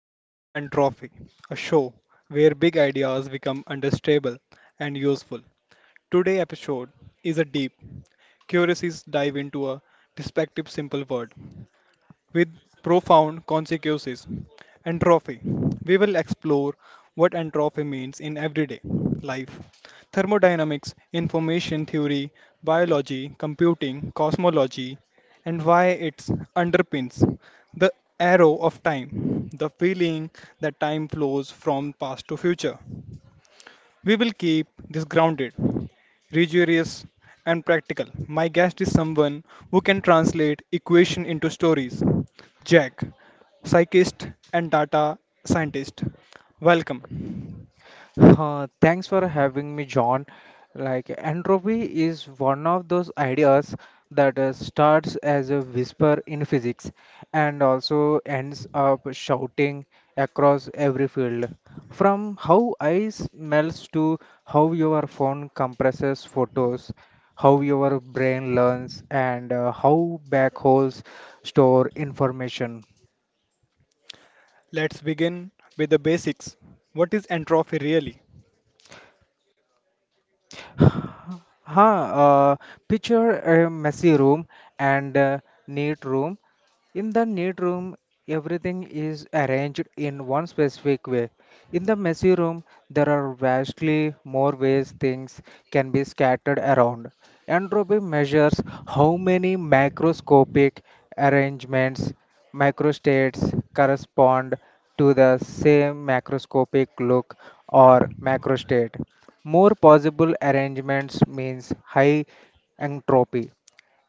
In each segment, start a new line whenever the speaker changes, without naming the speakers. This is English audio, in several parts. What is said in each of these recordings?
Welcome to Entropy, a show where big ideas become understandable and useful. Today's episode is a deep, curious dive into a perspective simple word with profound consequences. Entropy. We will explore what entropy means in everyday life. Thermodynamics, information theory, biology, computing, cosmology, and why it underpins the arrow of time, the feeling that time flows from past to future. We will keep this grounded, rigorous, and practical. My guest is someone who can translate equation into stories. Jack, psychist and data scientist. Welcome.
Thanks for having me, John. Entropy is one of those ideas that starts as a whisper in physics and also ends up shouting across every field. From how ice melts to how your phone compresses photos, how your brain learns, and how backholes store information.
Let's begin with the basics. What is entropy really?
Huh, uh, Picture a messy room and a neat room. In the neat room, everything is arranged in one specific way. In the messy room, there are vastly more ways things can be scattered around. Entropy measures how many macroscopic arrangements, microstates correspond to the same macroscopic look or macrostate. More possible arrangements means high entropy.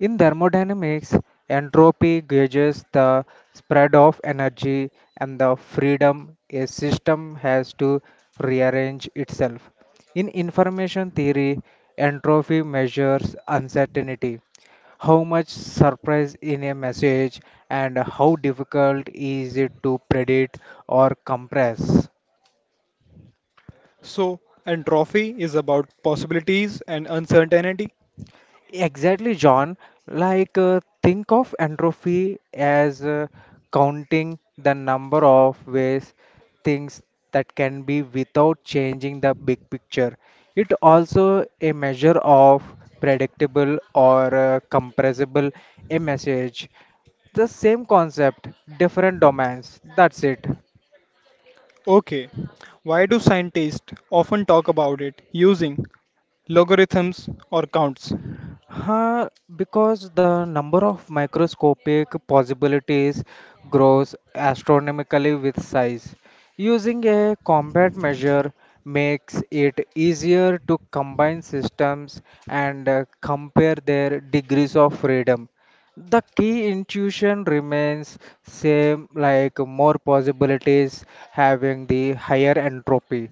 In thermodynamics, entropy gauges the spread of energy and the freedom a system has to rearrange itself. In information theory, entropy measures uncertainty, how much surprise in a message and how difficult is it to predict or compress.
So, entropy is about possibilities and uncertainty.
Exactly, John. Think of entropy as counting the number of ways things that can be without changing the big picture. It also a measure of predictable or compressible a message. The same concept, different domains. That's it.
Okay, why do scientists often talk about it using logarithms or counts?
Huh, because the number of microscopic possibilities grows astronomically with size. Using a combat measure makes it easier to combine systems and compare their degrees of freedom. The key intuition remains same like more possibilities having the higher entropy.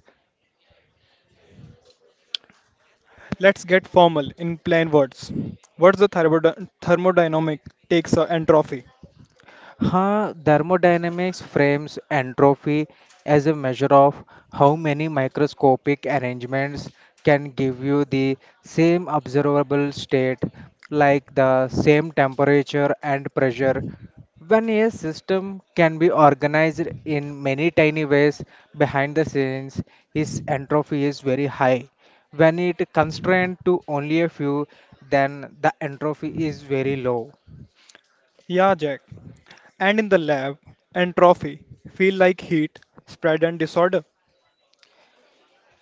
Let's get formal in plain words. What's the thermodynamic takes a entropy?
Thermodynamics frames entropy as a measure of how many microscopic arrangements can give you the same observable state, like the same temperature and pressure. When a system can be organized in many tiny ways behind the scenes, its entropy is very high. When it constrained to only a few, then the entropy is very low.
Yeah, Jack. And in the lab, entropy feel like heat, spread and disorder.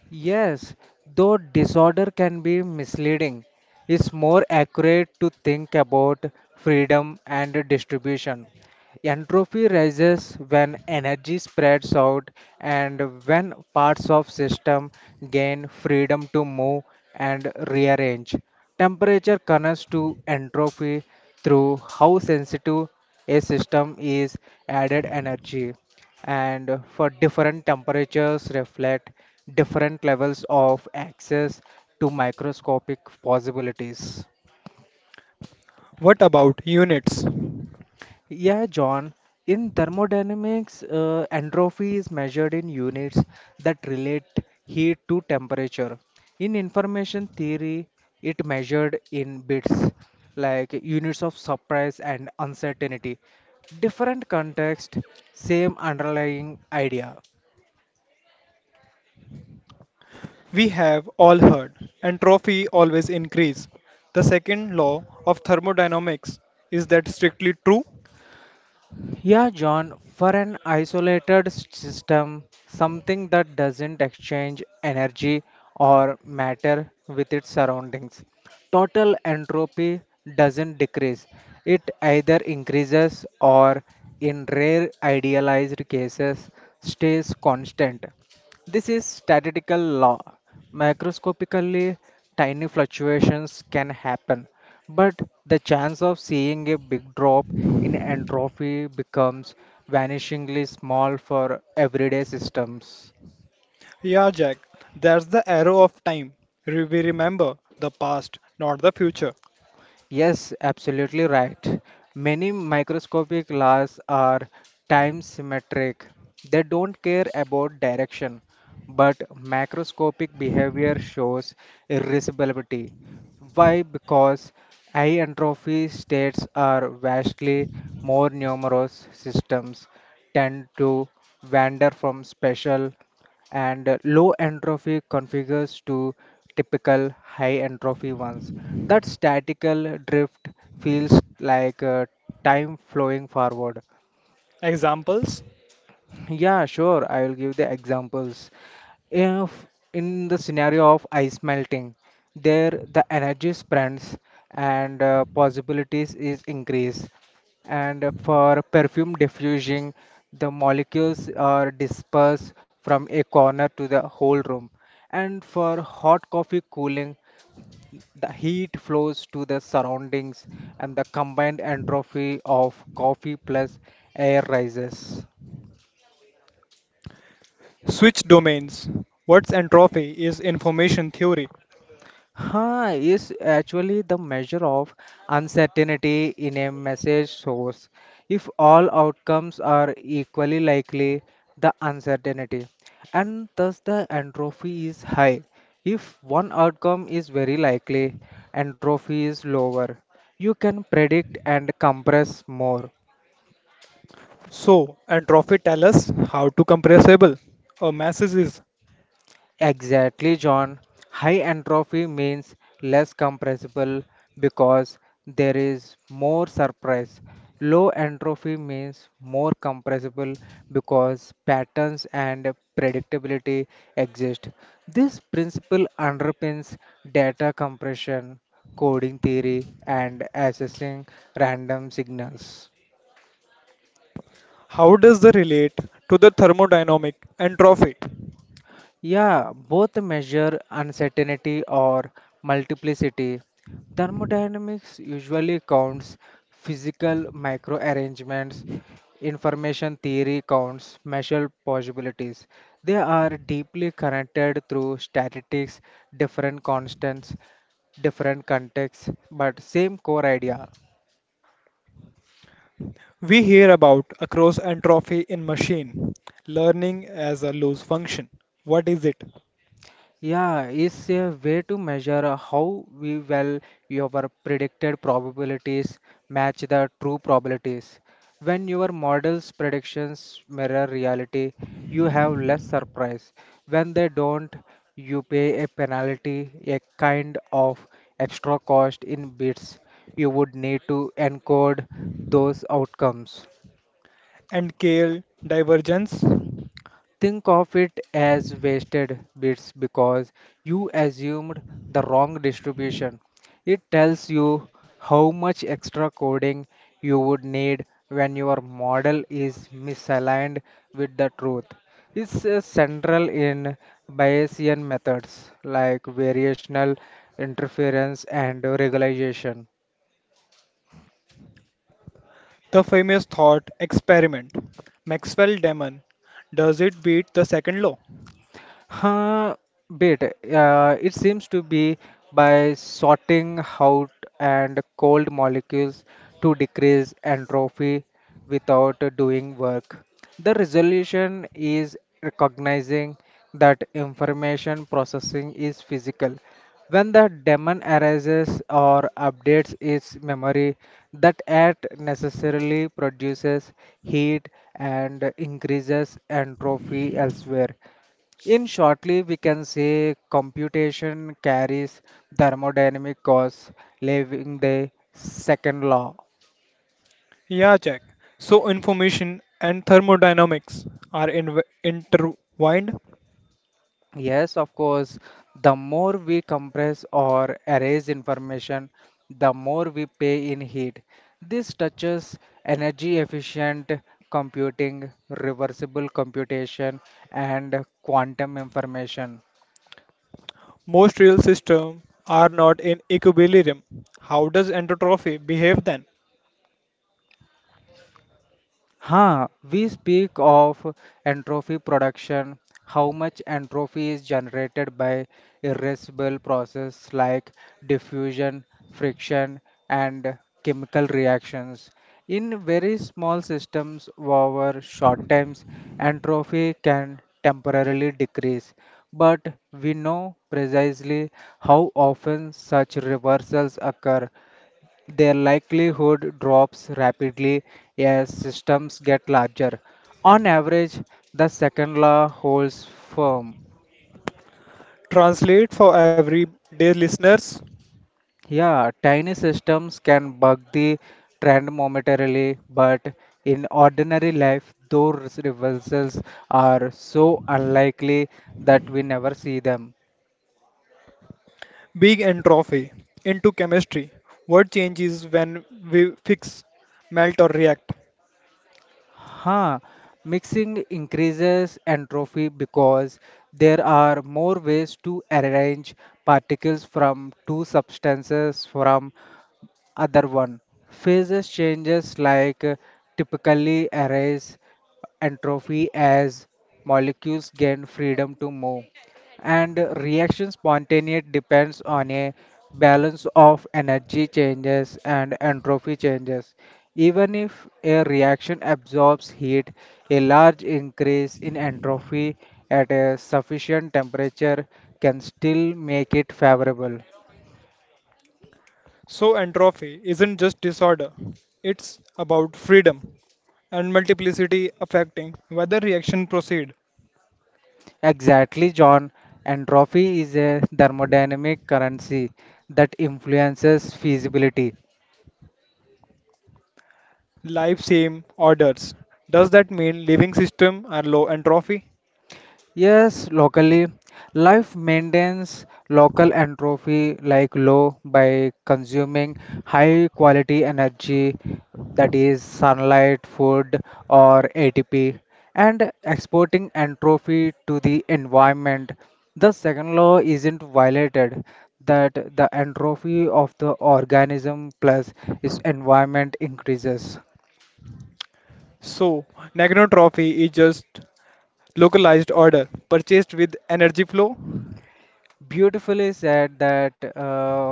Yes, though disorder can be misleading, it's more accurate to think about freedom and distribution. Entropy rises when energy spreads out and when parts of system gain freedom to move and rearrange. Temperature connects to entropy through how sensitive a system is added energy and for different temperatures reflect different levels of access to microscopic possibilities.
What about units?
Yeah, John. In thermodynamics, entropy is measured in units that relate heat to temperature. In information theory, it measured in bits, like units of surprise and uncertainty. Different context, same underlying idea.
We have all heard entropy always increase. The second law of thermodynamics is that strictly true?
Yeah, John, for an isolated system, something that doesn't exchange energy or matter with its surroundings, total entropy doesn't decrease. It either increases or, in rare idealized cases, stays constant. This is statistical law. Macroscopically, tiny fluctuations can happen, but the chance of seeing a big drop in entropy becomes vanishingly small for everyday systems.
Yeah, Jack. That's the arrow of time. We remember the past, not the future.
Yes, absolutely right. Many microscopic laws are time symmetric. They don't care about direction, but macroscopic behavior shows irreversibility. Why? Because high entropy states are vastly more numerous systems tend to wander from special and low entropy configures to typical high entropy ones. That statical drift feels like time flowing forward.
Examples.
Yeah, sure. I will give the examples. If in the scenario of ice melting, there the energy spreads and possibilities is increased. And for perfume diffusion, the molecules are dispersed from a corner to the whole room. And for hot coffee cooling, the heat flows to the surroundings and the combined entropy of coffee plus air rises.
Switch domains. What's entropy is information theory.
Is actually the measure of uncertainty in a message source. If all outcomes are equally likely, the uncertainty and thus the entropy is high. If one outcome is very likely, entropy is lower. You can predict and compress more.
So, entropy tells us how to compressible a masses is.
Exactly, John. High entropy means less compressible because there is more surprise. Low entropy means more compressible because patterns and predictability exist. This principle underpins data compression, coding theory, and assessing random signals.
How does the relate to the thermodynamic entropy?
Yeah, both measure uncertainty or multiplicity. Thermodynamics usually counts physical microarrangements. Information theory counts measured possibilities. They are deeply connected through statistics, different constants, different contexts, but same core idea.
We hear about across entropy in machine learning as a loss function. What is it?
Yeah, it's a way to measure how we well your predicted probabilities match the true probabilities. When your model's predictions mirror reality, you have less surprise. When they don't, you pay a penalty, a kind of extra cost in bits. You would need to encode those outcomes.
And KL divergence,
Think of it as wasted bits because you assumed the wrong distribution. It tells you how much extra coding you would need when your model is misaligned with the truth. It's central in Bayesian methods like variational interference and regularization.
the famous thought experiment. Maxwell Damon, does it beat the second law?
Huh, Bit. It seems to be by sorting out and cold molecules to decrease entropy without doing work. The resolution is recognizing that information processing is physical. When the daemon arises or updates its memory, that act necessarily produces heat and increases entropy elsewhere. In shortly, we can say computation carries thermodynamic costs, leaving the second law.
Yeah, Jack. So information and thermodynamics are intertwined.
Yes, of course, the more we compress or erase information, the more we pay in heat. This touches energy efficient computing, reversible computation, and quantum information.
Most real systems are not in equilibrium. How does entropy behave then?
We speak of entropy production, how much entropy is generated by irreversible processes like diffusion, friction, and chemical reactions. In very small systems over short times, entropy can temporarily decrease, but we know precisely how often such reversals occur their likelihood drops rapidly as systems get larger. On average, the second law holds firm.
Translate for everyday listeners.
Yeah, tiny systems can bug the trend momentarily, but in ordinary life, those reversals are so unlikely that we never see them.
Big entropy into chemistry. What changes when we fix, melt, or react?
Huh. Mixing increases entropy because there are more ways to arrange particles from two substances from other one phases changes like typically arrays entropy as molecules gain freedom to move and reaction spontaneity depends on a balance of energy changes and entropy changes even if a reaction absorbs heat a large increase in entropy at a sufficient temperature can still make it favorable.
So entropy isn't just disorder. It's about freedom and multiplicity affecting whether reaction proceed.
Exactly, John. Entropy is a thermodynamic currency that influences feasibility.
Life same orders. Does that mean living system are low entropy?
Yes, locally, life maintains local entropy like low by consuming high quality energy that is sunlight, food or ATP and exporting entropy to the environment. The second law isn't violated that the entropy of the organism plus its environment increases.
So negonotropy is just localized order purchased with energy flow.
Beautifully said that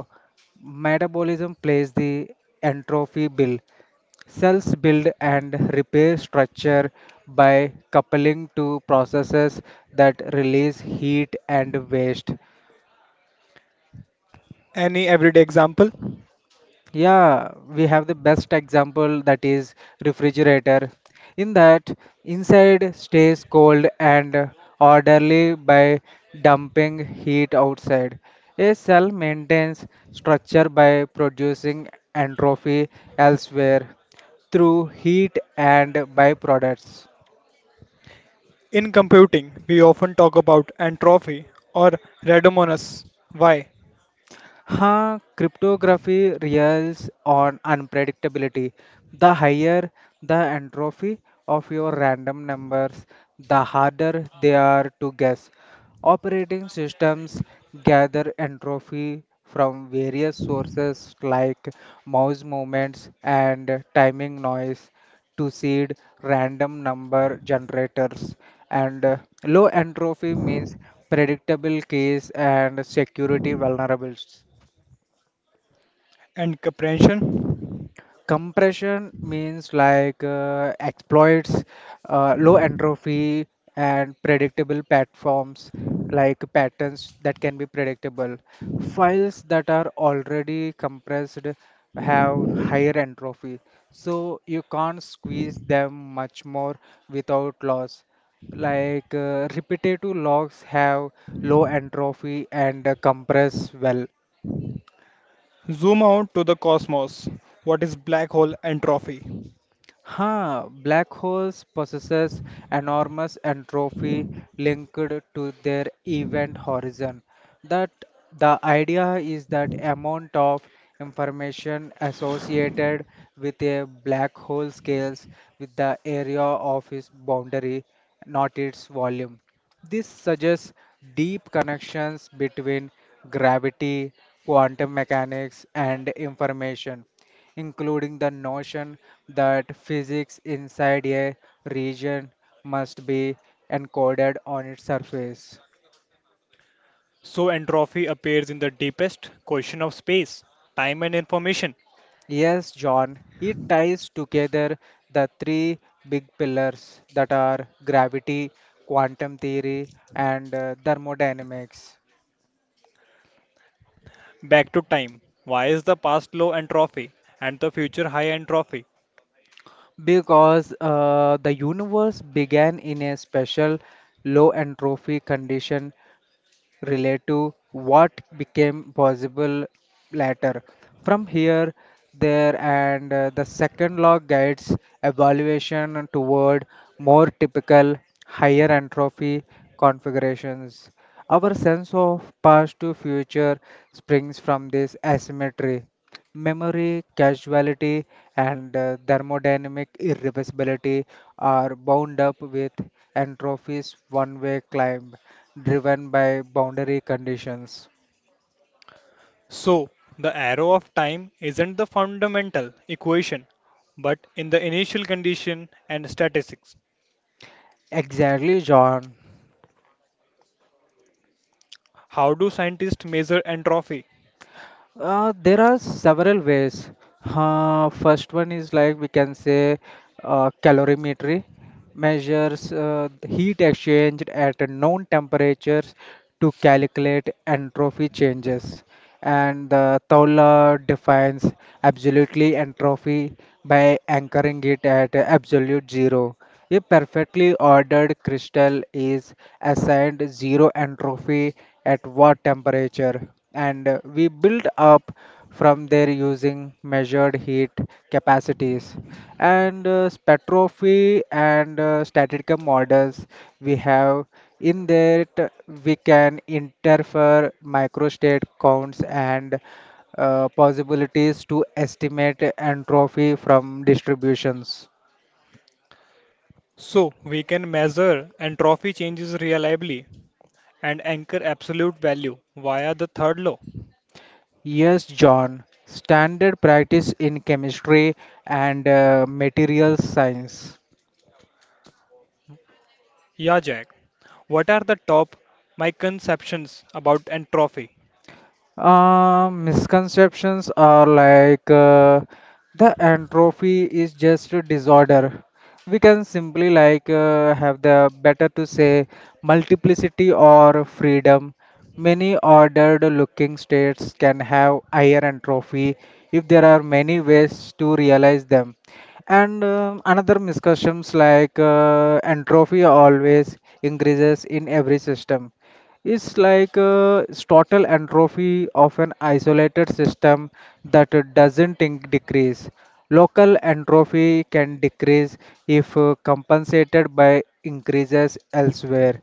metabolism plays the entropy bill. Cells build and repair structure by coupling to processes that release heat and waste.
Any everyday example?
Yeah, we have the best example that is refrigerator. In that, inside stays cold and orderly by dumping heat outside. A cell maintains structure by producing entropy elsewhere through heat and byproducts.
In computing, we often talk about entropy or Radiomonas. Why?
Cryptography relies on unpredictability. The higher the entropy of your random numbers, the harder they are to guess. Operating systems gather entropy from various sources like mouse movements and timing noise to seed random number generators. And low entropy means predictable keys and security vulnerables.
And compression.
Compression means like exploits low entropy and predictable platforms like patterns that can be predictable. Files that are already compressed have higher entropy, so you can't squeeze them much more without loss. Like repetitive logs have low entropy and compress well.
Zoom out to the cosmos. What is black hole entropy?
Black holes possess enormous entropy linked to their event horizon. That the idea is that amount of information associated with a black hole scales with the area of its boundary, not its volume. This suggests deep connections between gravity, quantum mechanics, and information including the notion that physics inside a region must be encoded on its surface.
So entropy appears in the deepest question of space, time and information.
Yes, John, it ties together the three big pillars that are gravity, quantum theory, and thermodynamics.
Back to time. Why is the past low entropy and the future high entropy?
Because the universe began in a special low entropy condition relate to what became possible later. From here, there, and the second law guides evaluation toward more typical higher entropy configurations. Our sense of past to future springs from this asymmetry. Memory, causality, and thermodynamic irreversibility are bound up with entropy's one way climb driven by boundary conditions.
So, the arrow of time isn't the fundamental equation, but in the initial condition and statistics.
Exactly, John.
How do scientists measure entropy?
There are several ways. First one is like we can say calorimetry. Measures the heat exchange at known temperatures to calculate entropy changes. And the Towler defines absolutely entropy by anchoring it at absolute zero. A perfectly ordered crystal is assigned zero entropy at what temperature? And we build up from there using measured heat capacities and spectrophy and statistical models we have in that we can interfere microstate counts and possibilities to estimate entropy from distributions.
So, we can measure entropy changes reliably and anchor absolute value via the third law.
Yes, John, standard practice in chemistry and materials science.
Yeah, Jack. What are the top misconceptions about entropy?
Misconceptions are like the entropy is just a disorder. We can simply like have the better to say multiplicity or freedom. Many ordered looking states can have higher entropy if there are many ways to realize them. And another misconceptions like entropy always increases in every system is like a total entropy of an isolated system that doesn't decrease. Local entropy can decrease if compensated by increases elsewhere.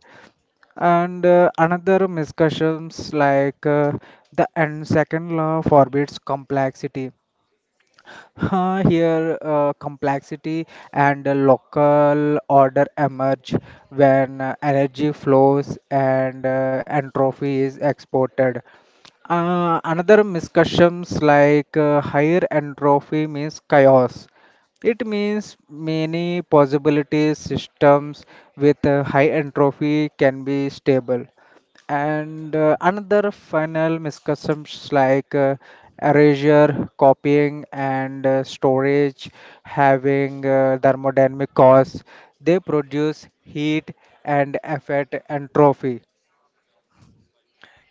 And another misconceptions like the and second law forbids complexity. Here, complexity and a local order emerge when energy flows and entropy is exported. Another misconceptions like higher entropy means chaos. It means many possibilities systems with high entropy can be stable, and another final misconceptions like erasure, copying, and storage having thermodynamic costs. They produce heat and effect and trophy.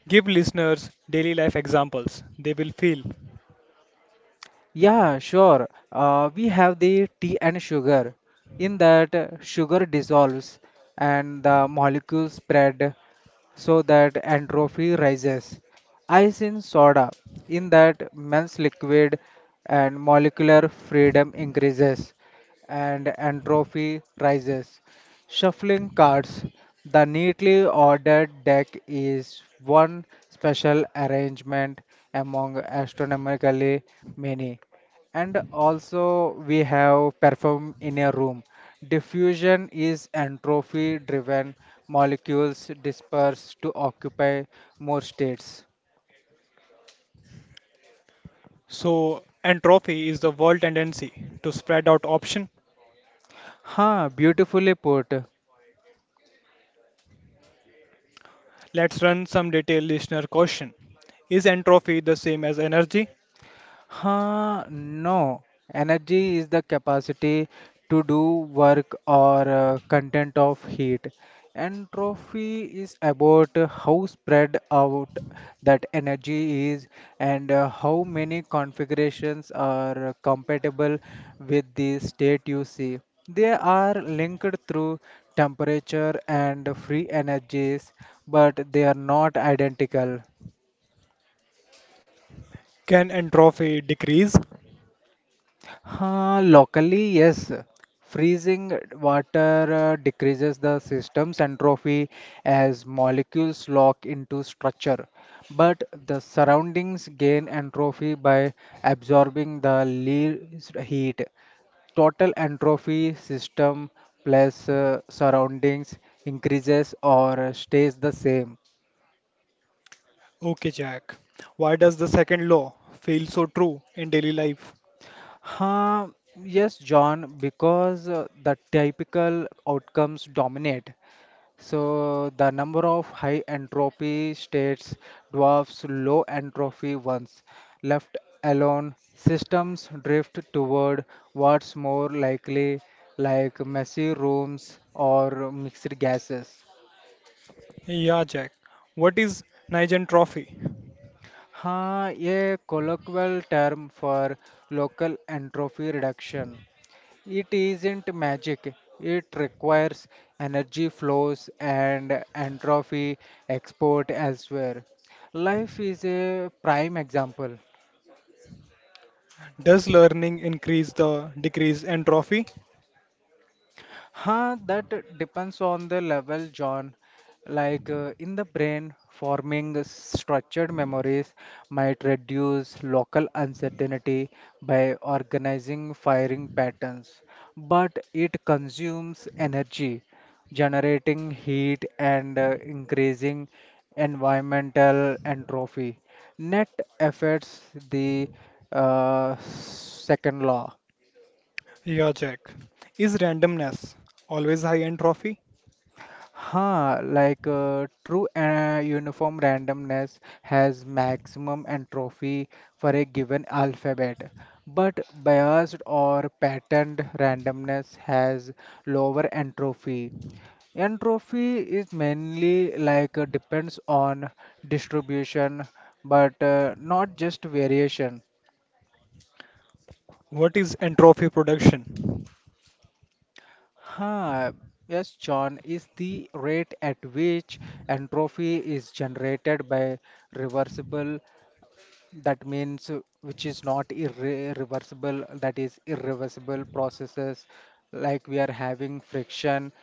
Give listeners daily life examples they will feel.
Yeah, sure. We have the tea and sugar. In that, sugar dissolves and the molecules spread so that entropy rises. Ice in soda. In that, melts liquid and molecular freedom increases and entropy rises. Shuffling cards. The neatly ordered deck is one special arrangement among astronomically many, and also we have perform in a room. Diffusion is entropy driven molecules disperse to occupy more states.
So, entropy is the world tendency to spread out option.
Ha! Beautifully put.
Let's run some detailed listener question. Is entropy the same as energy?
No. Energy is the capacity to do work or content of heat. Entropy is about how spread out that energy is and how many configurations are compatible with the state you see. They are linked through temperature and free energies, but they are not identical.
Can entropy decrease?
Locally, yes. Freezing water decreases the system's entropy as molecules lock into structure, but the surroundings gain entropy by absorbing the least heat. Total entropy system plus surroundings increases or stays the same.
Okay, Jack. Why does the second law feel so true in daily life?
Huh, yes, John, because the typical outcomes dominate. So the number of high entropy states dwarfs low entropy ones. Left alone, systems drift toward what's more likely, like messy rooms or mixed gases.
Yeah, Jack. What is Nijentropy? Entropy?
हाँ ये colloquial term for local entropy reduction. It isn't magic. It requires energy flows and entropy export elsewhere. Life is a prime example.
Does learning increase the decrease entropy?
That depends on the level, John. Like in the brain, forming structured memories might reduce local uncertainty by organizing firing patterns, but it consumes energy, generating heat and increasing environmental entropy. Net affects the second law.
Yeah, Jack. Is randomness always high entropy?
Like true uniform randomness has maximum entropy for a given alphabet, but biased or patterned randomness has lower entropy. Entropy is mainly like depends on distribution, but not just variation.
What is entropy production?
Huh, yes, John, is the rate at which entropy is generated by reversible, that means which is not irreversible, that is irreversible processes like we are having friction,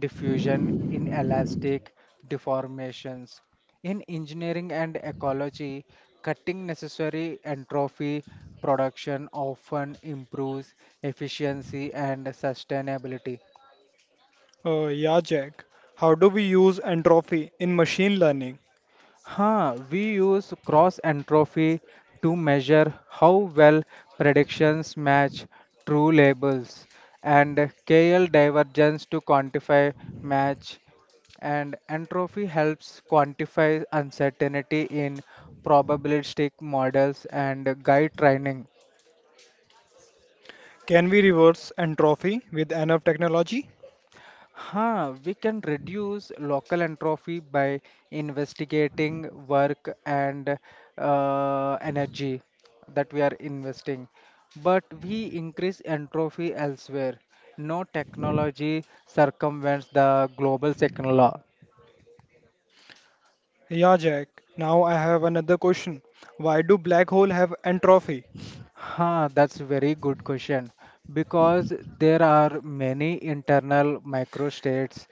diffusion, inelastic deformations in engineering and ecology. Cutting necessary entropy production often improves efficiency and sustainability.
Yeah, Jack. How do we use entropy in machine learning?
We use cross entropy to measure how well predictions match true labels, and KL divergence to quantify match, and entropy helps quantify uncertainty in probabilistic models and guide training.
Can we reverse entropy with enough technology?
We can reduce local entropy by investigating work and energy that we are investing. But we increase entropy elsewhere. No technology circumvents the global second law.
Yeah, Jack. Now I have another question. Why do black hole have entropy?
That's a very good question because there are many internal microstates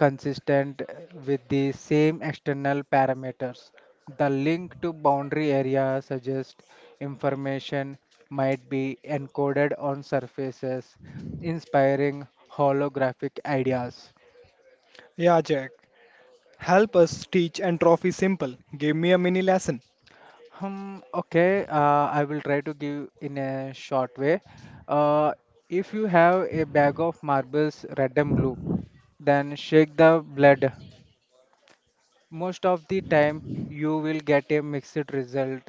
consistent with the same external parameters. The link to boundary area suggests information might be encoded on surfaces, inspiring holographic ideas.
Yeah, Jack. Help us teach entropy simple. Give me a mini lesson.
Hmm, okay, I will try to give in a short way. Uh, if you have a bag of marbles red and blue, then shake the blood. Most of the time, you will get a mixed result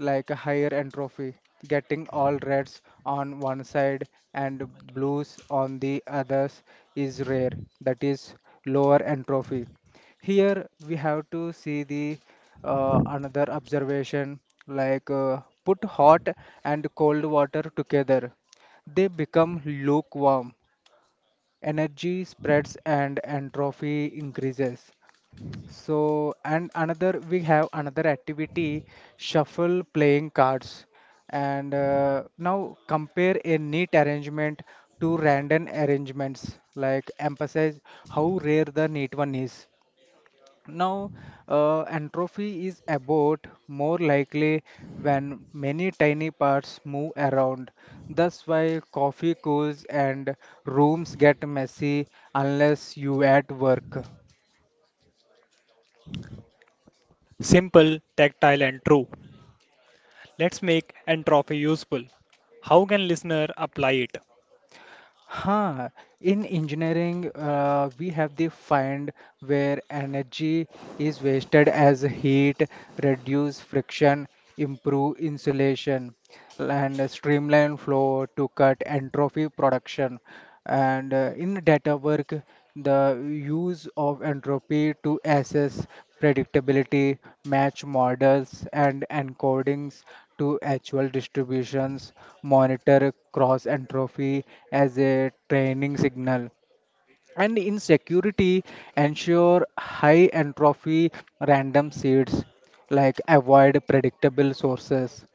like a higher entropy, getting all reds on one side and blues on the others is rare, that is lower entropy. Here we have to see the another observation like put hot and cold water together. They become lukewarm, energy spreads and entropy increases. So, and another, we have another activity, shuffle playing cards. And now compare a neat arrangement to random arrangements, like emphasize how rare the neat one is. Now, entropy is about more likely when many tiny parts move around. That's why coffee cools and rooms get messy unless you at work.
Simple, tactile, and true. Let's make entropy useful. How can listener apply it?
Huh. In engineering, we have the find where energy is wasted as heat, reduce friction, improve insulation, and streamline flow to cut entropy production. And in data work, the use of entropy to assess predictability, match models and encodings to actual distributions, monitor cross entropy as a training signal. And in security, ensure high entropy random seeds, like avoid predictable sources.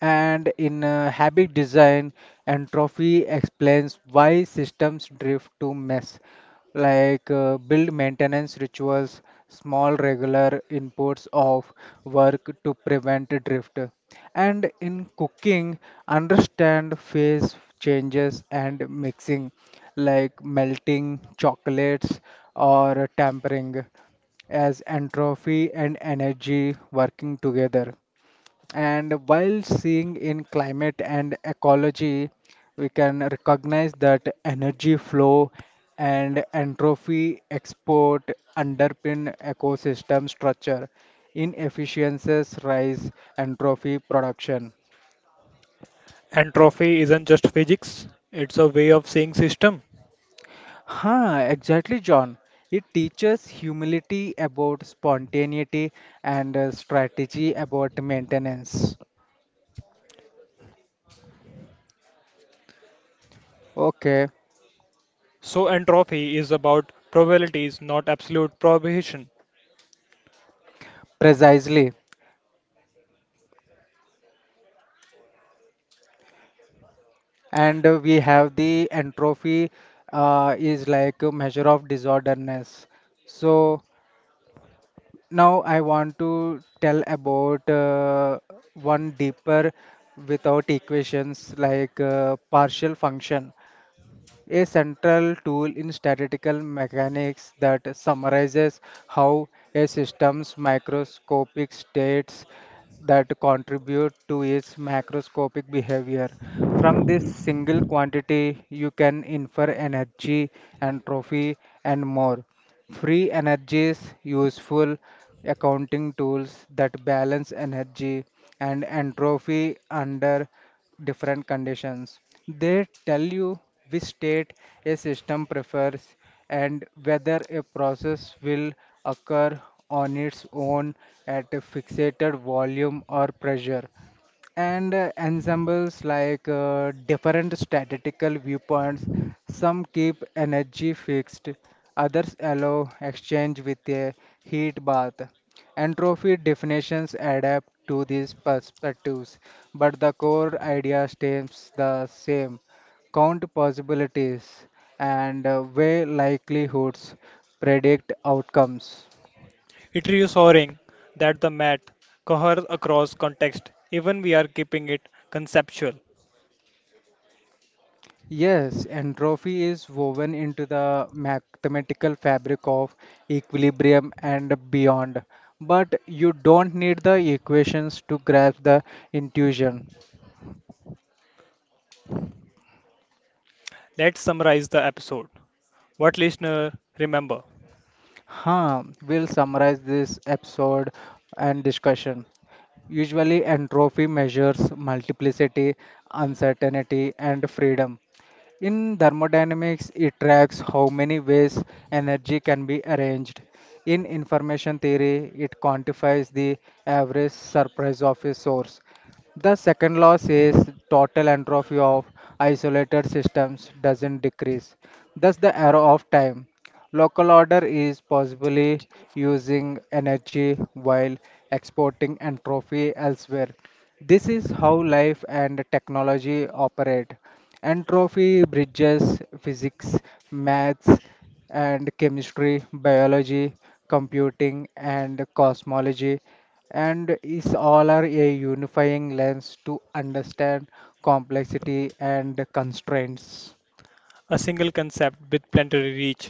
And in habit design, entropy explains why systems drift to mess like build maintenance rituals, small regular inputs of work to prevent drift. And in cooking, understand phase changes and mixing, like melting chocolates or tempering, as entropy and energy working together, and while seeing in climate and ecology, we can recognize that energy flow and entropy export underpin ecosystem structure. Inefficiencies rise entropy production.
Entropy isn't just physics, it's a way of seeing system.
Exactly, John. It teaches humility about spontaneity and strategy about maintenance. Okay,
So entropy is about probabilities, not absolute prohibition.
precisely. And we have the entropy is like a measure of disorderness. So now I want to tell about one deeper without equations, like partial function, a central tool in statistical mechanics that summarizes how a system's microscopic states that contribute to its macroscopic behavior. From this single quantity, you can infer energy, entropy, and more. Free energies useful accounting tools that balance energy and entropy under different conditions. They tell you which state a system prefers and whether a process will occur on its own at a fixated volume or pressure, and ensembles like different statistical viewpoints. Some keep energy fixed, others allow exchange with a heat bath. Entropy definitions adapt to these perspectives, but the core idea stays the same. Count possibilities and weigh likelihoods, predict outcomes.
It reassuring that the math coheres across context, even we are keeping it conceptual.
Yes, entropy is woven into the mathematical fabric of equilibrium and beyond. But you don't need the equations to grasp the intuition.
Let's summarize the episode. What listener remember?
We'll summarize this episode and discussion. Usually, entropy measures multiplicity, uncertainty, and freedom. In thermodynamics, it tracks how many ways energy can be arranged. In information theory, it quantifies the average surprise of a source. The second law says total entropy of isolated systems doesn't decrease. Thus, the arrow of time. Local order is possibly using energy while exporting entropy elsewhere. This is how life and technology operate. Entropy bridges physics, maths, and chemistry, biology, computing, and cosmology, and is all are a unifying lens to understand complexity and constraints.
A single concept with plenary reach.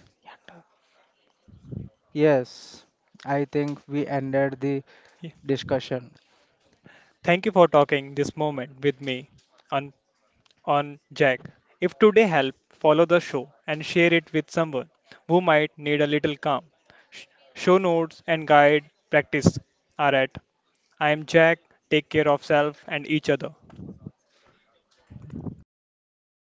Yes, I think we ended the discussion.
Thank you for talking this moment with me on on Jack. If today help, follow the show and share it with someone who might need a little calm. Sh- Show notes and guide practice are at I am Jack. Take care of self and each other.